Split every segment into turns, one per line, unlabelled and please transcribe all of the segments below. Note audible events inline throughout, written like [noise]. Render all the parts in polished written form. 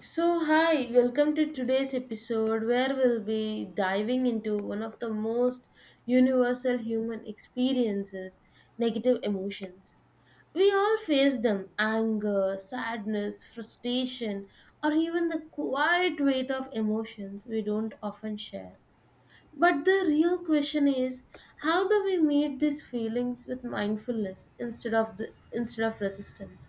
So, hi, welcome to today's episode where we'll be diving into one of the most universal human experiences, negative emotions. We all face them, anger, sadness, frustration, or even the quiet weight of emotions we don't often share. But the real question is, how do we meet these feelings with mindfulness instead of resistance?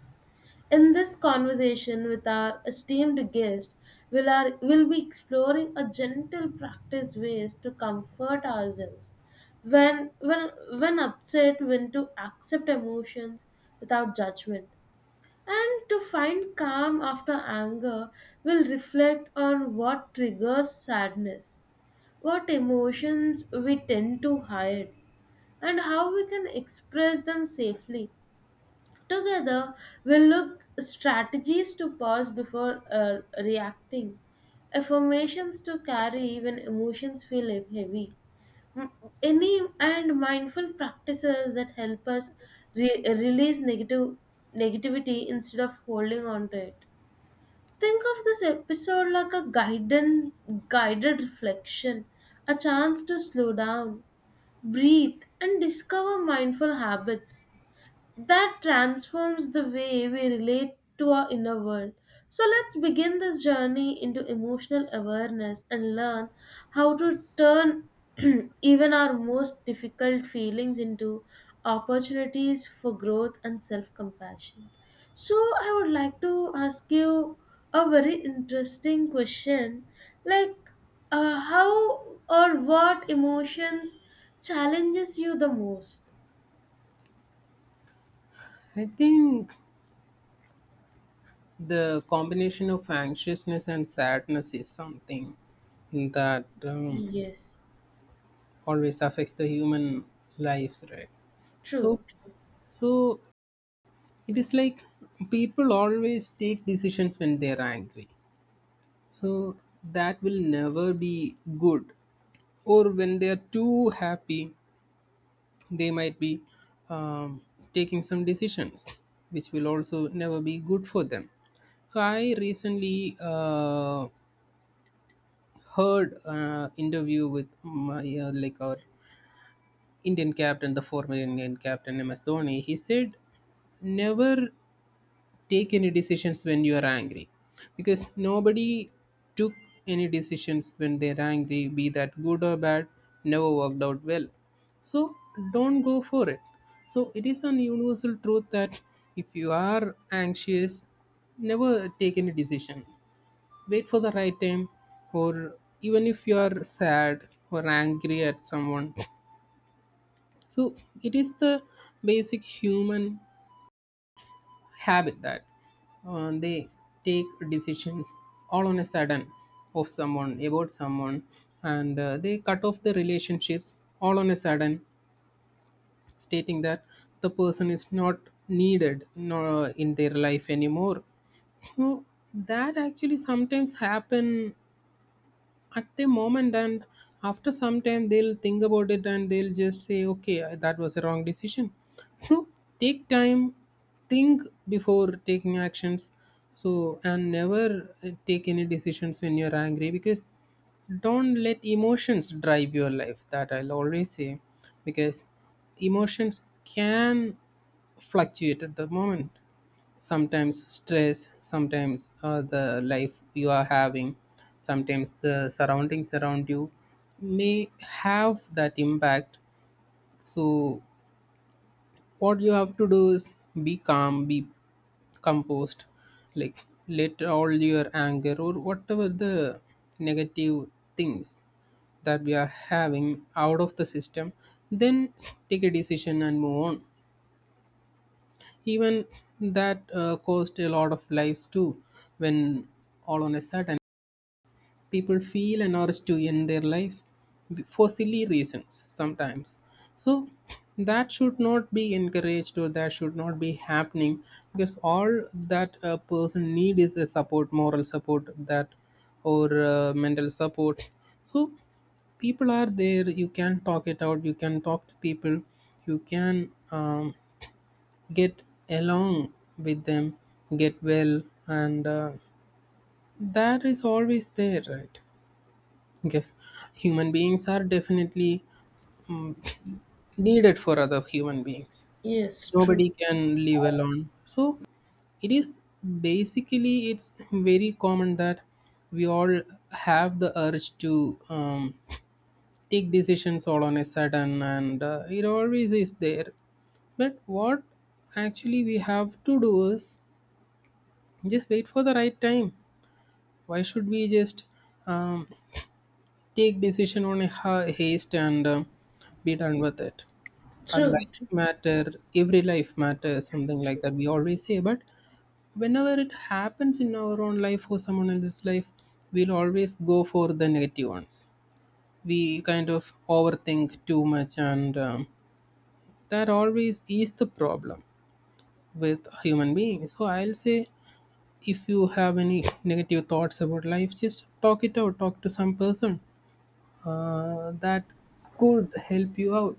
In this conversation with our esteemed guest, we'll be exploring a gentle practice, ways to comfort ourselves. When, when, when upset, when to accept emotions without judgment. And to find calm after anger, we'll reflect on what triggers sadness, what emotions we tend to hide, and how we can express them safely. Together, we'll look strategies to pause before reacting, affirmations to carry when emotions feel heavy, m- any and mindful practices that help us re- release negative negativity instead of holding on to it. Think of this episode like a guided reflection, a chance to slow down, breathe, and discover mindful habits that transforms the way we relate to our inner world. So let's begin this journey into emotional awareness and learn how to turn [clears throat] even our most difficult feelings into opportunities for growth and self compassion. So, I would like to ask you a very interesting question, like, how or what emotions challenges you the most?
I think the combination of anxiousness and sadness is something that
Yes,
always affects the human lives, right? So,
true.
so it is like people always take decisions when they are angry. So that will never be good. Or when they are too happy, they might be um, taking some decisions, which will also never be good for them. So I recently heard interview with my like our Indian captain, the former Indian captain MS Dhoni. He said, "Never take any decisions when you are angry, because nobody took any decisions when they are angry, be that good or bad, never worked out well. So don't go for it. So it is a universal truth that if you are anxious, never take any decision." Wait for the right time or even if you are sad or angry at someone. So it is the basic human habit that they take decisions all on a sudden of someone, about someone, and they cut off the relationships all on a sudden, stating that the person is not needed nor in their life anymore. So that actually sometimes happen at the moment, and after some time they'll think about it and they'll just say, okay, that was a wrong decision. [laughs] So take time, think before taking actions. So and never take any decisions when you're angry, because don't let emotions drive your life, that I'll always say. Because emotions can fluctuate at the moment, sometimes stress, sometimes the life you are having, sometimes the surroundings around you may have that impact. So what you have to do is be calm, be composed, like let all your anger or whatever the negative things that we are having out of the system, then take a decision and move on. Even that caused a lot of lives too. When all on a sudden, people feel an urge to end their life for silly reasons sometimes. So that should not be encouraged, or that should not be happening, because all that a person need is a support, moral support, that or mental support. So people are there, you can talk it out, you can talk to people, you can get along with them, get well, and that is always there, right? Yes, human beings are definitely mm, needed for other human beings.
Yes, true,
Nobody can live alone. So it is basically, it's very common that we all have the urge to take decisions all on a sudden, and it always is there. But what actually we have to do is just wait for the right time. Why should we just um, take decision on a haste and be done with it? Our
true,
lives
true,
matter. Every life matters. Something like that we always say. But whenever it happens in our own life or someone else's life, we'll always go for the negative ones. We kind of overthink too much, and that always is the problem with human beings. So I'll say if you have any negative thoughts about life, just talk it out, talk to some person that could help you out.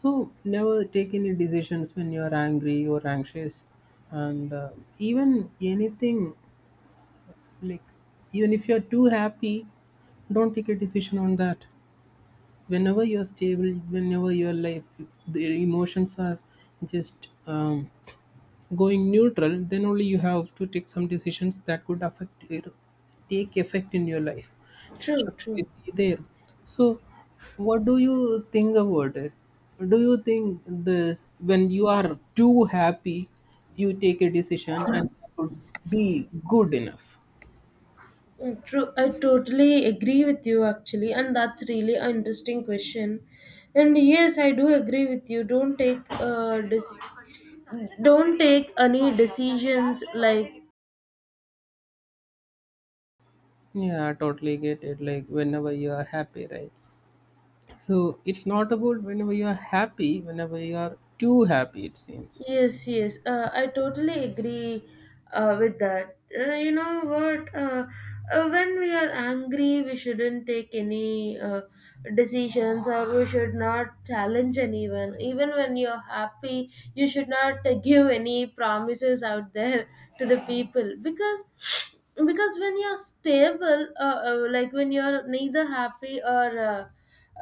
So never take any decisions when you're angry or anxious, and even anything like even if you're too happy, don't take a decision on that. Whenever you're stable, whenever your life, the emotions are just going neutral, then only you have to take some decisions that could affect your, take effect in your life. That
true,
should
true.
be there. So, what do you think about it? Do you think this, when you are too happy, you take a decision and that would be good enough?
True. I totally agree with you actually, and that's really an interesting question. And yes, I do agree with you. Don't take don't take any decisions like.
Yeah, I totally get it. Like whenever you are happy, right? So it's not about whenever you are happy, whenever you are too happy, it seems.
Yes, yes, I totally agree with that. You know what? When we are angry, we shouldn't take any decisions or we should not challenge anyone. Even when you're happy, you should not [laughs] give any promises out there to the people, because when you're stable, like when you're neither happy or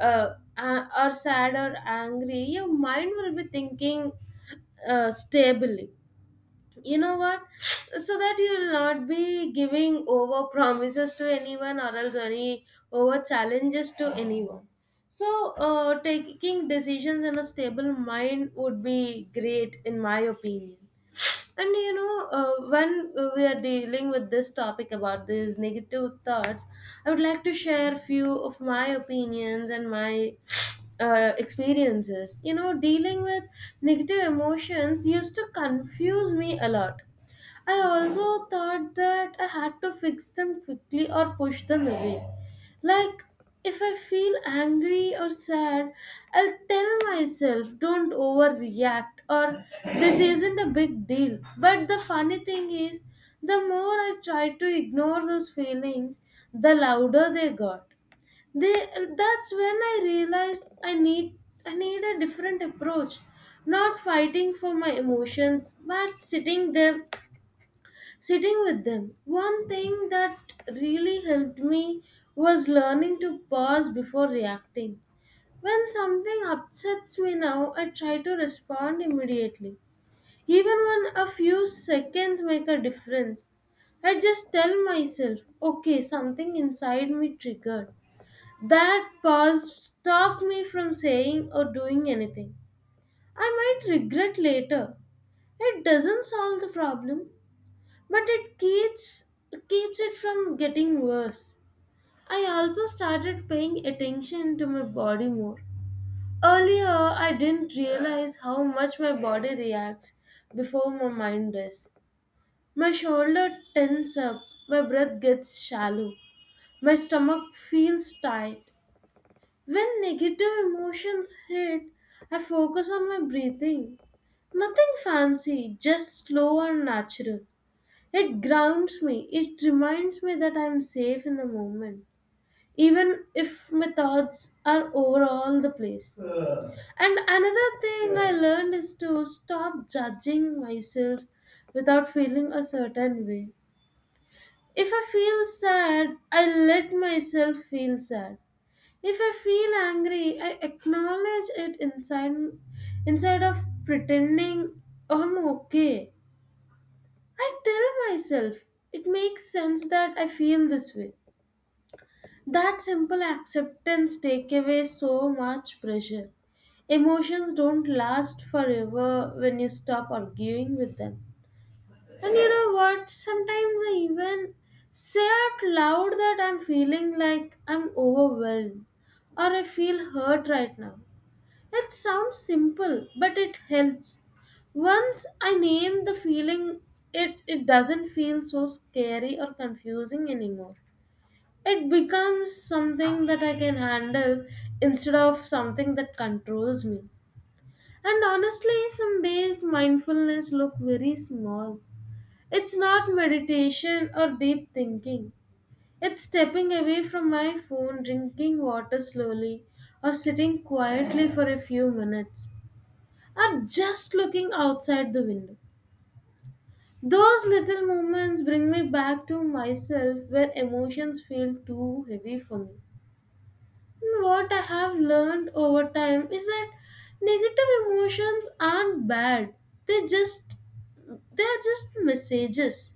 or sad or angry, your mind will be thinking stably, you know what, so that you'll not be giving over promises to anyone or else any over challenges to anyone. So taking decisions in a stable mind would be great in my opinion. And you know, when we are dealing with this topic about these negative thoughts, I would like to share a few of my opinions and my experiences. You know, dealing with negative emotions used to confuse me a lot. I also thought that I had to fix them quickly or push them away. Like, if I feel angry or sad, I'll tell myself, don't overreact, or this isn't a big deal. But the funny thing is, the more I tried to ignore those feelings, the louder they got. That's when I realized I need a different approach, not fighting for my emotions, but sitting with them. One thing that really helped me was learning to pause before reacting. When something upsets me now, I try to respond immediately. Even when a few seconds make a difference, I just tell myself, okay, something inside me triggered. That pause stopped me from saying or doing anything I might regret later. It doesn't solve the problem, but it keeps it from getting worse. I also started paying attention to my body more. Earlier, I didn't realize how much my body reacts before my mind does. My shoulder tense up, my breath gets shallow, my stomach feels tight. When negative emotions hit, I focus on my breathing. Nothing fancy, just slow and natural. It grounds me. It reminds me that I'm safe in the moment, even if my thoughts are over all the place. And another thing I learned is to stop judging myself without feeling a certain way. If I feel sad, I let myself feel sad. If I feel angry, I acknowledge it inside instead of pretending I'm okay. I tell myself it makes sense that I feel this way. That simple acceptance take away so much pressure. Emotions don't last forever when you stop arguing with them. And you know what? Sometimes I even say out loud that I'm feeling like I'm overwhelmed or I feel hurt right now. It sounds simple, but it helps. Once I name the feeling, it doesn't feel so scary or confusing anymore. It becomes something that I can handle instead of something that controls me. And honestly, some days mindfulness look very small. It's not meditation or deep thinking. It's stepping away from my phone, drinking water slowly, or sitting quietly for a few minutes or just looking outside the window. Those little moments bring me back to myself where emotions feel too heavy for me. And what I have learned over time is that negative emotions aren't bad. They just they are just messages.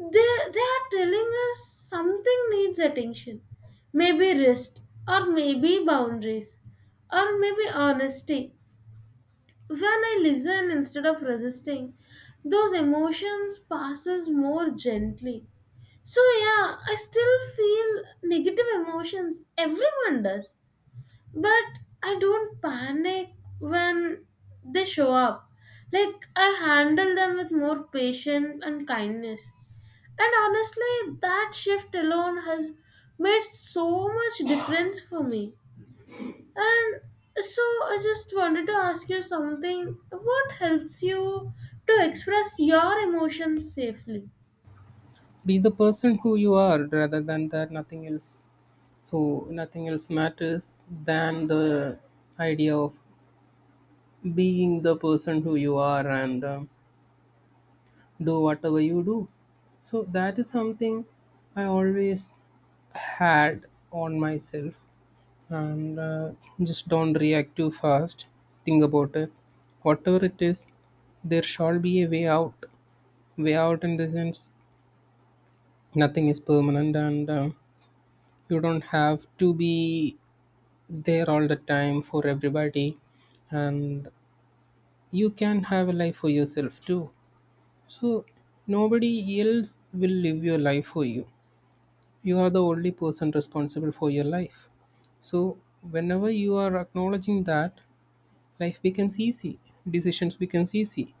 They are telling us something needs attention. Maybe rest, or maybe boundaries, or maybe honesty. When I listen instead of resisting, those emotions passes more gently. So yeah, I still feel negative emotions, everyone does, but I don't panic when they show up. Like, I handle them with more patience and kindness, and honestly, that shift alone has made so much difference for me. And so I just wanted to ask you something. What helps you to express your emotions safely?
Be the person who you are, rather than that, nothing else. So nothing else matters than the idea of being the person who you are, and do whatever you do. So that is something I always had on myself, and just don't react too fast, think about it, whatever it is, there shall be a way out. Way out in the sense, nothing is permanent, and you don't have to be there all the time for everybody, and you can have a life for yourself too. So nobody else will live your life for you, you are the only person responsible for your life. So whenever you are acknowledging that, life becomes easy, decisions becomes easy.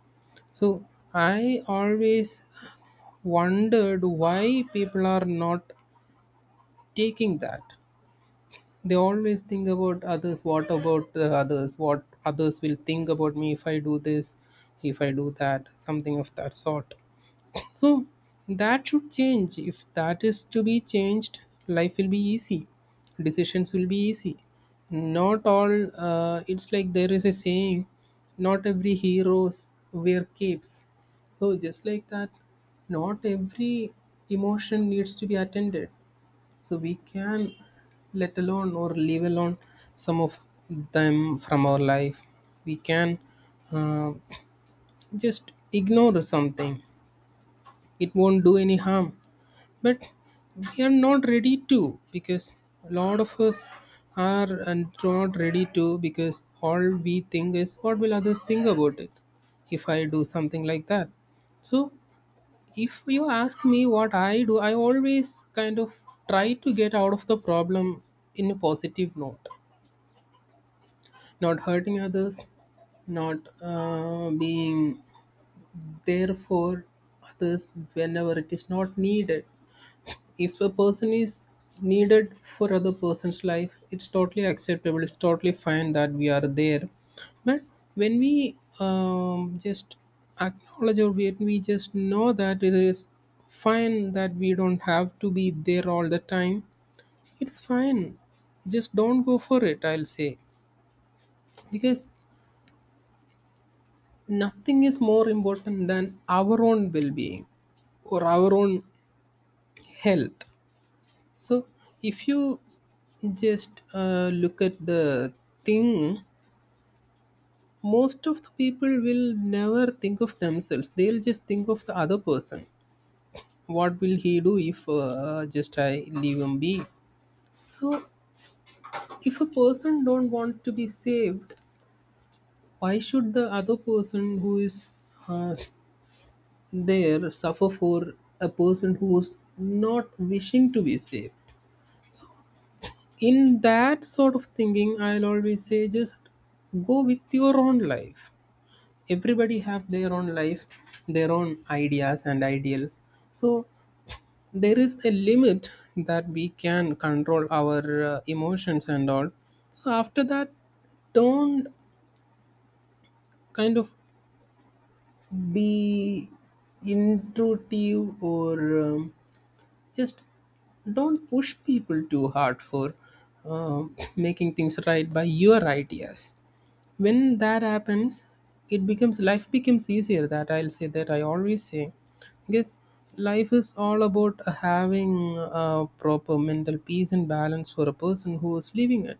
So I always wondered why people are not taking that. They always think about others. What about the others? What others will think about me if I do this, if I do that, something of that sort. So that should change. If that is to be changed, life will be easy. Decisions will be easy. Not all. It's like there is a saying: not every heroes wear capes. So just like that, not every emotion needs to be attended. So we can let alone or leave alone some of them from our life. We can uh, just ignore something. It won't do any harm. But we are not ready to, because a lot of us are and not ready to, because all we think is what will others think about it if I do something like that. So if you ask me what I do, I always kind of try to get out of the problem in a positive note, not hurting others, not being there for others whenever it is not needed. If a person is needed for other person's life, it's totally acceptable, it's totally fine that we are there. But when we just acknowledge, or when we just know that it is fine that we don't have to be there all the time, it's fine, just don't go for it, I'll say. Because nothing is more important than our own well-being or our own health. So, if you just look at the thing, most of the people will never think of themselves. They'll just think of the other person. What will he do if just I leave him be? So, if a person don't want to be saved, why should the other person who is uh, there suffer for a person who's not wishing to be saved? In that sort of thinking, I'll always say, just go with your own life. Everybody have their own life, their own ideas and ideals. So there is a limit that we can control our emotions and all. So after that, don't kind of be intrusive or just don't push people too hard for um [clears throat] making things right by your ideas. When that happens, it becomes, life becomes easier, that I'll say, that I always say. Because life is all about having a proper mental peace and balance for a person who is living it.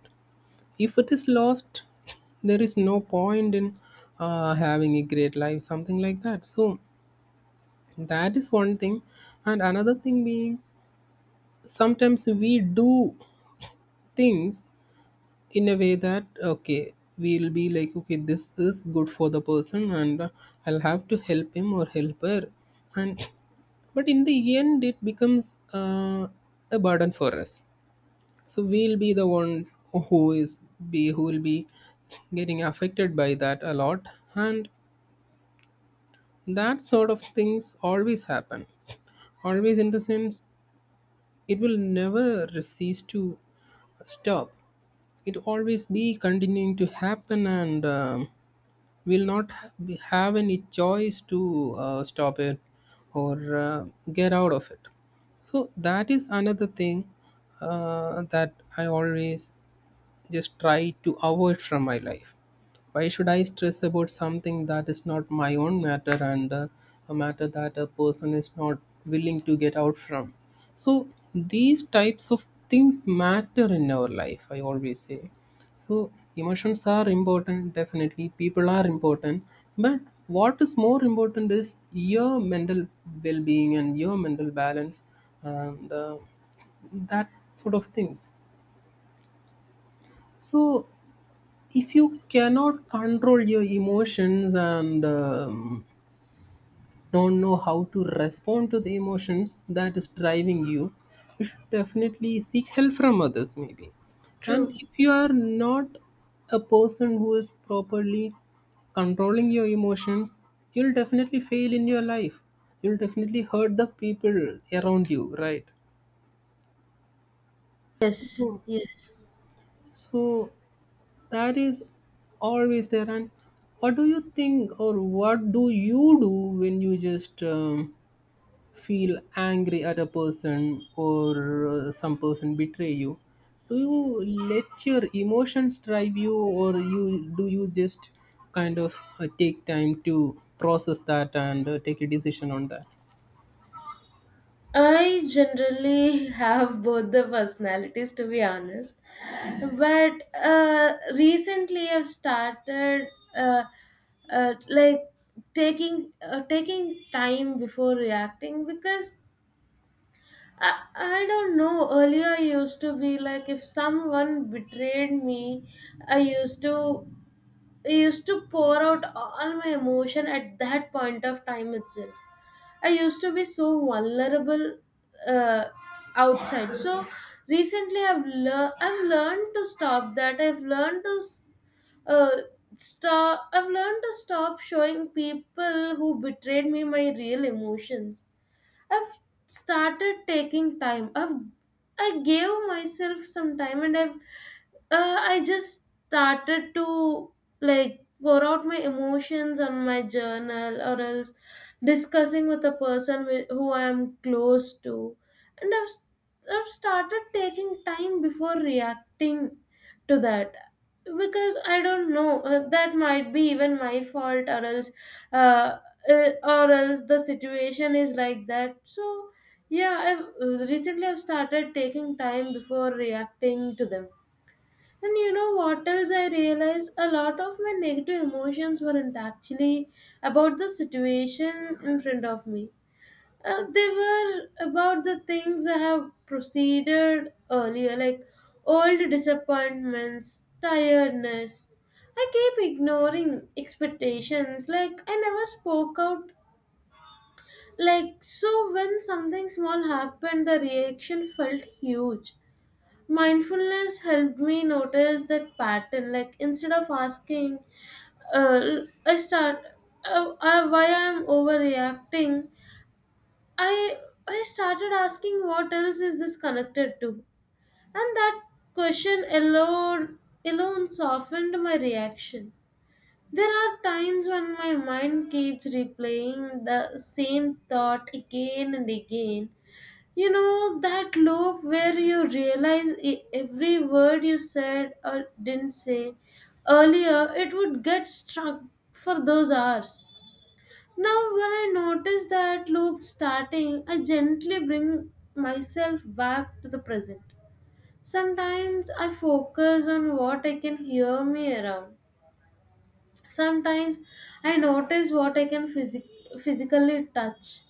If it is lost, there is no point in having a great life, something like that. So that is one thing, and another thing being sometimes we do things in a way that okay, we'll be like, okay, this is good for the person, and I'll have to help him or help her, and but in the end it becomes a burden for us. So we'll be the ones who is, be who will be getting affected by that a lot. And that sort of things always happen, always in the sense it will never cease to stop, it always be continuing to happen, and will not have any choice to stop it or get out of it. So that is another thing that I always just try to avoid from my life. Why should I stress about something that is not my own matter, and a matter that a person is not willing to get out from? So, these types of things matter in our life, I always say. So, emotions are important, definitely. People are important. But what is more important is your mental well being and your mental balance, and that sort of things. So, if you cannot control your emotions, and don't know how to respond to the emotions that is driving you, you should definitely seek help from others, maybe. And
True.
if you are not a person who is properly controlling your emotions, you'll definitely fail in your life, you'll definitely hurt the people around you, right?
Yes,
Mhm.
yes.
So that is always there. And what do you think, or what do you do when you just feel angry at a person, or some person betray you? Do you let your emotions drive you, or you just kind of take time to process that, and take a decision on that?
I generally [laughs] have both the personalities to be honest. But recently I've started uh, uh, like taking time before reacting because I don't know. Earlier, I used to be like, if someone betrayed me, I used to I used to pour out all my emotion at that point of time itself. I used to be so vulnerable uh, outside. So recently, I've learned to stop that. I've learned to uh, stop. I've learned to stop showing people who betrayed me my real emotions. I've started taking time. I gave myself some time, and I've I just started to like pour out my emotions on my journal, or else discussing with a person who I am close to, and I've started taking time before reacting to that because I don't know, that might be even my fault uh, or else the situation is like that. So yeah, I've recently I've started taking time before reacting to them. And you know what else I realized, a lot of my negative emotions weren't actually about the situation in front of me, they were about the things I have proceeded earlier, like old disappointments, tiredness. I keep ignoring expectations, like I never spoke out. Like, so when something small happened, the reaction felt huge. Mindfulness helped me notice that pattern. Like, instead of asking, uh, I start why I'm overreacting, I I started asking what else is this connected to, and that question alone softened my reaction. There are times when my mind keeps replaying the same thought again and again. You know that loop where you realize e- every word you said or didn't say earlier, it would get struck for those hours. Now, when I notice that loop starting, I gently bring myself back to the present. Sometimes I focus on what I can hear me around. Sometimes I notice what I can physically touch.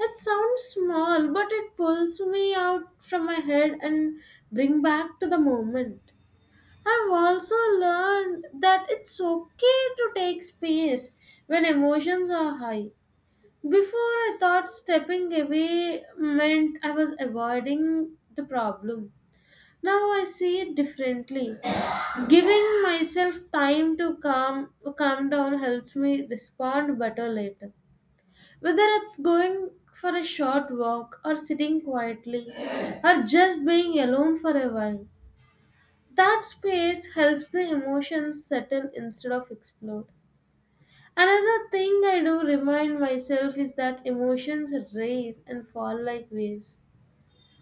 It sounds small, but it pulls me out from my head and bring back to the moment. I've also learned that it's okay to take space when emotions are high. Before, I thought stepping away meant I was avoiding the problem. Now I see it differently. Giving myself time to calm down helps me respond better later. Whether it's going for a short walk or sitting quietly or just being alone for a while. That space helps the emotions settle instead of explode. Another thing I do remind myself is that emotions rise and fall like waves.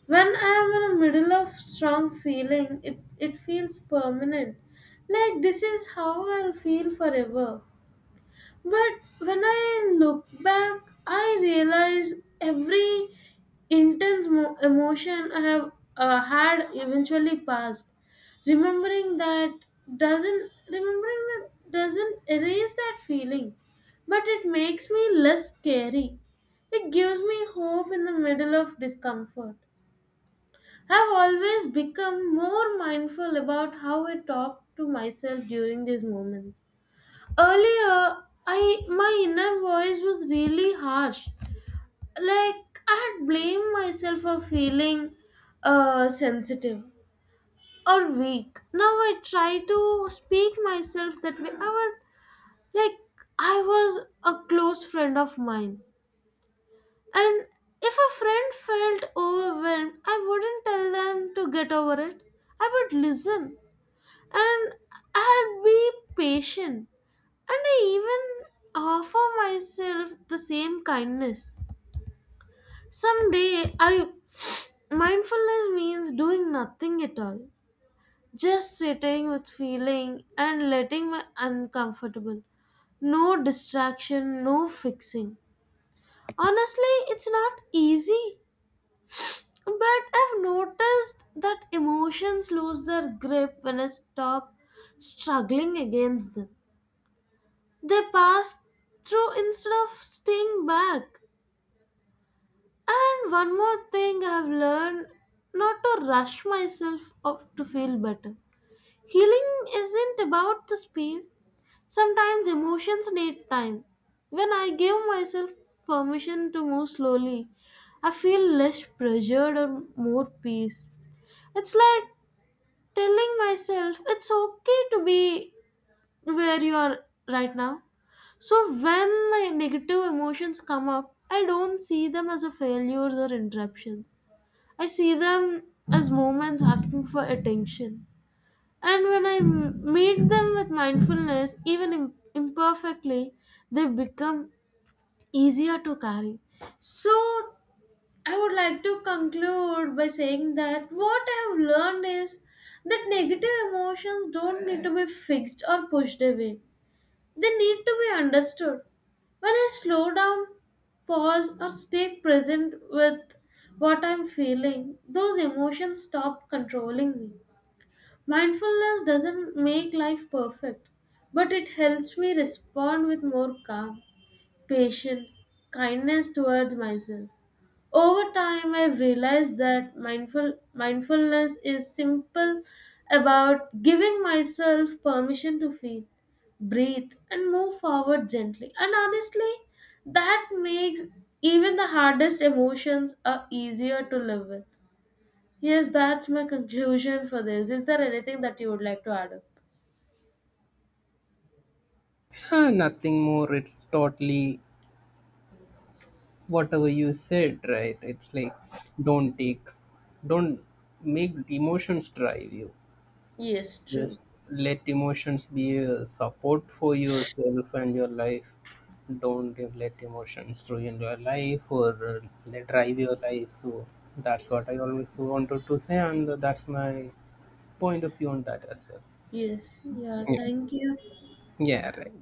When I am in the middle of strong feeling, it feels permanent. Like this is how I'll feel forever. But when I look back, I realize every intense emotion I have had eventually passed. Remembering that Remembering that doesn't erase that feeling, but it makes me less scary. It gives me hope in the middle of discomfort. I've always become more mindful about how I talk to myself during these moments. Earlier, I my inner voice was really harsh. Like I had blamed myself for feeling sensitive or weak. Now I try to speak myself that way. I would like I was a close friend of mine, and if a friend felt overwhelmed, I wouldn't tell them to get over it. I would listen and I'd be patient. And I even offer myself the same kindness. Someday, I mindfulness means doing nothing at all, just sitting with feeling and letting my uncomfortable. No distraction, no fixing. Honestly, it's not easy, but I've noticed that emotions lose their grip when I stop struggling against them. They pass through instead of staying back. And one more thing I have learned, not to rush myself up to feel better. Healing isn't about the speed. Sometimes emotions need time. When I give myself permission to move slowly, I feel less pressured or more peace. It's like telling myself it's okay to be where you are right now. So when my negative emotions come up, I don't see them as a failures or interruptions. I see them as moments asking for attention. And when I meet them with mindfulness, even imperfectly, they become easier to carry. So, I would like to conclude by saying that what I have learned is that negative emotions don't need to be fixed or pushed away. They need to be understood. When I slow down, pause, or stay present with what I'm feeling, those emotions stop controlling me. Mindfulness doesn't make life perfect, but it helps me respond with more calm, patience, kindness towards myself. Over time, I realized that mindfulness is simple about giving myself permission to feel, breathe, and move forward gently. And honestly, that makes even the hardest emotions are easier to live with. Yes, that's my conclusion for this. Is there anything that you would like to add up?
Yeah, nothing more. It's totally whatever you said, right? It's like, don't take don't make emotions drive you,
Yes, true.
just let emotions be a support for yourself and your life. Don't let emotions ruin your life, or let drive your life. So that's what I always wanted to say, and that's my point of view on that as well.
Yes. Yeah,
Yeah.
thank you.
Yeah, right.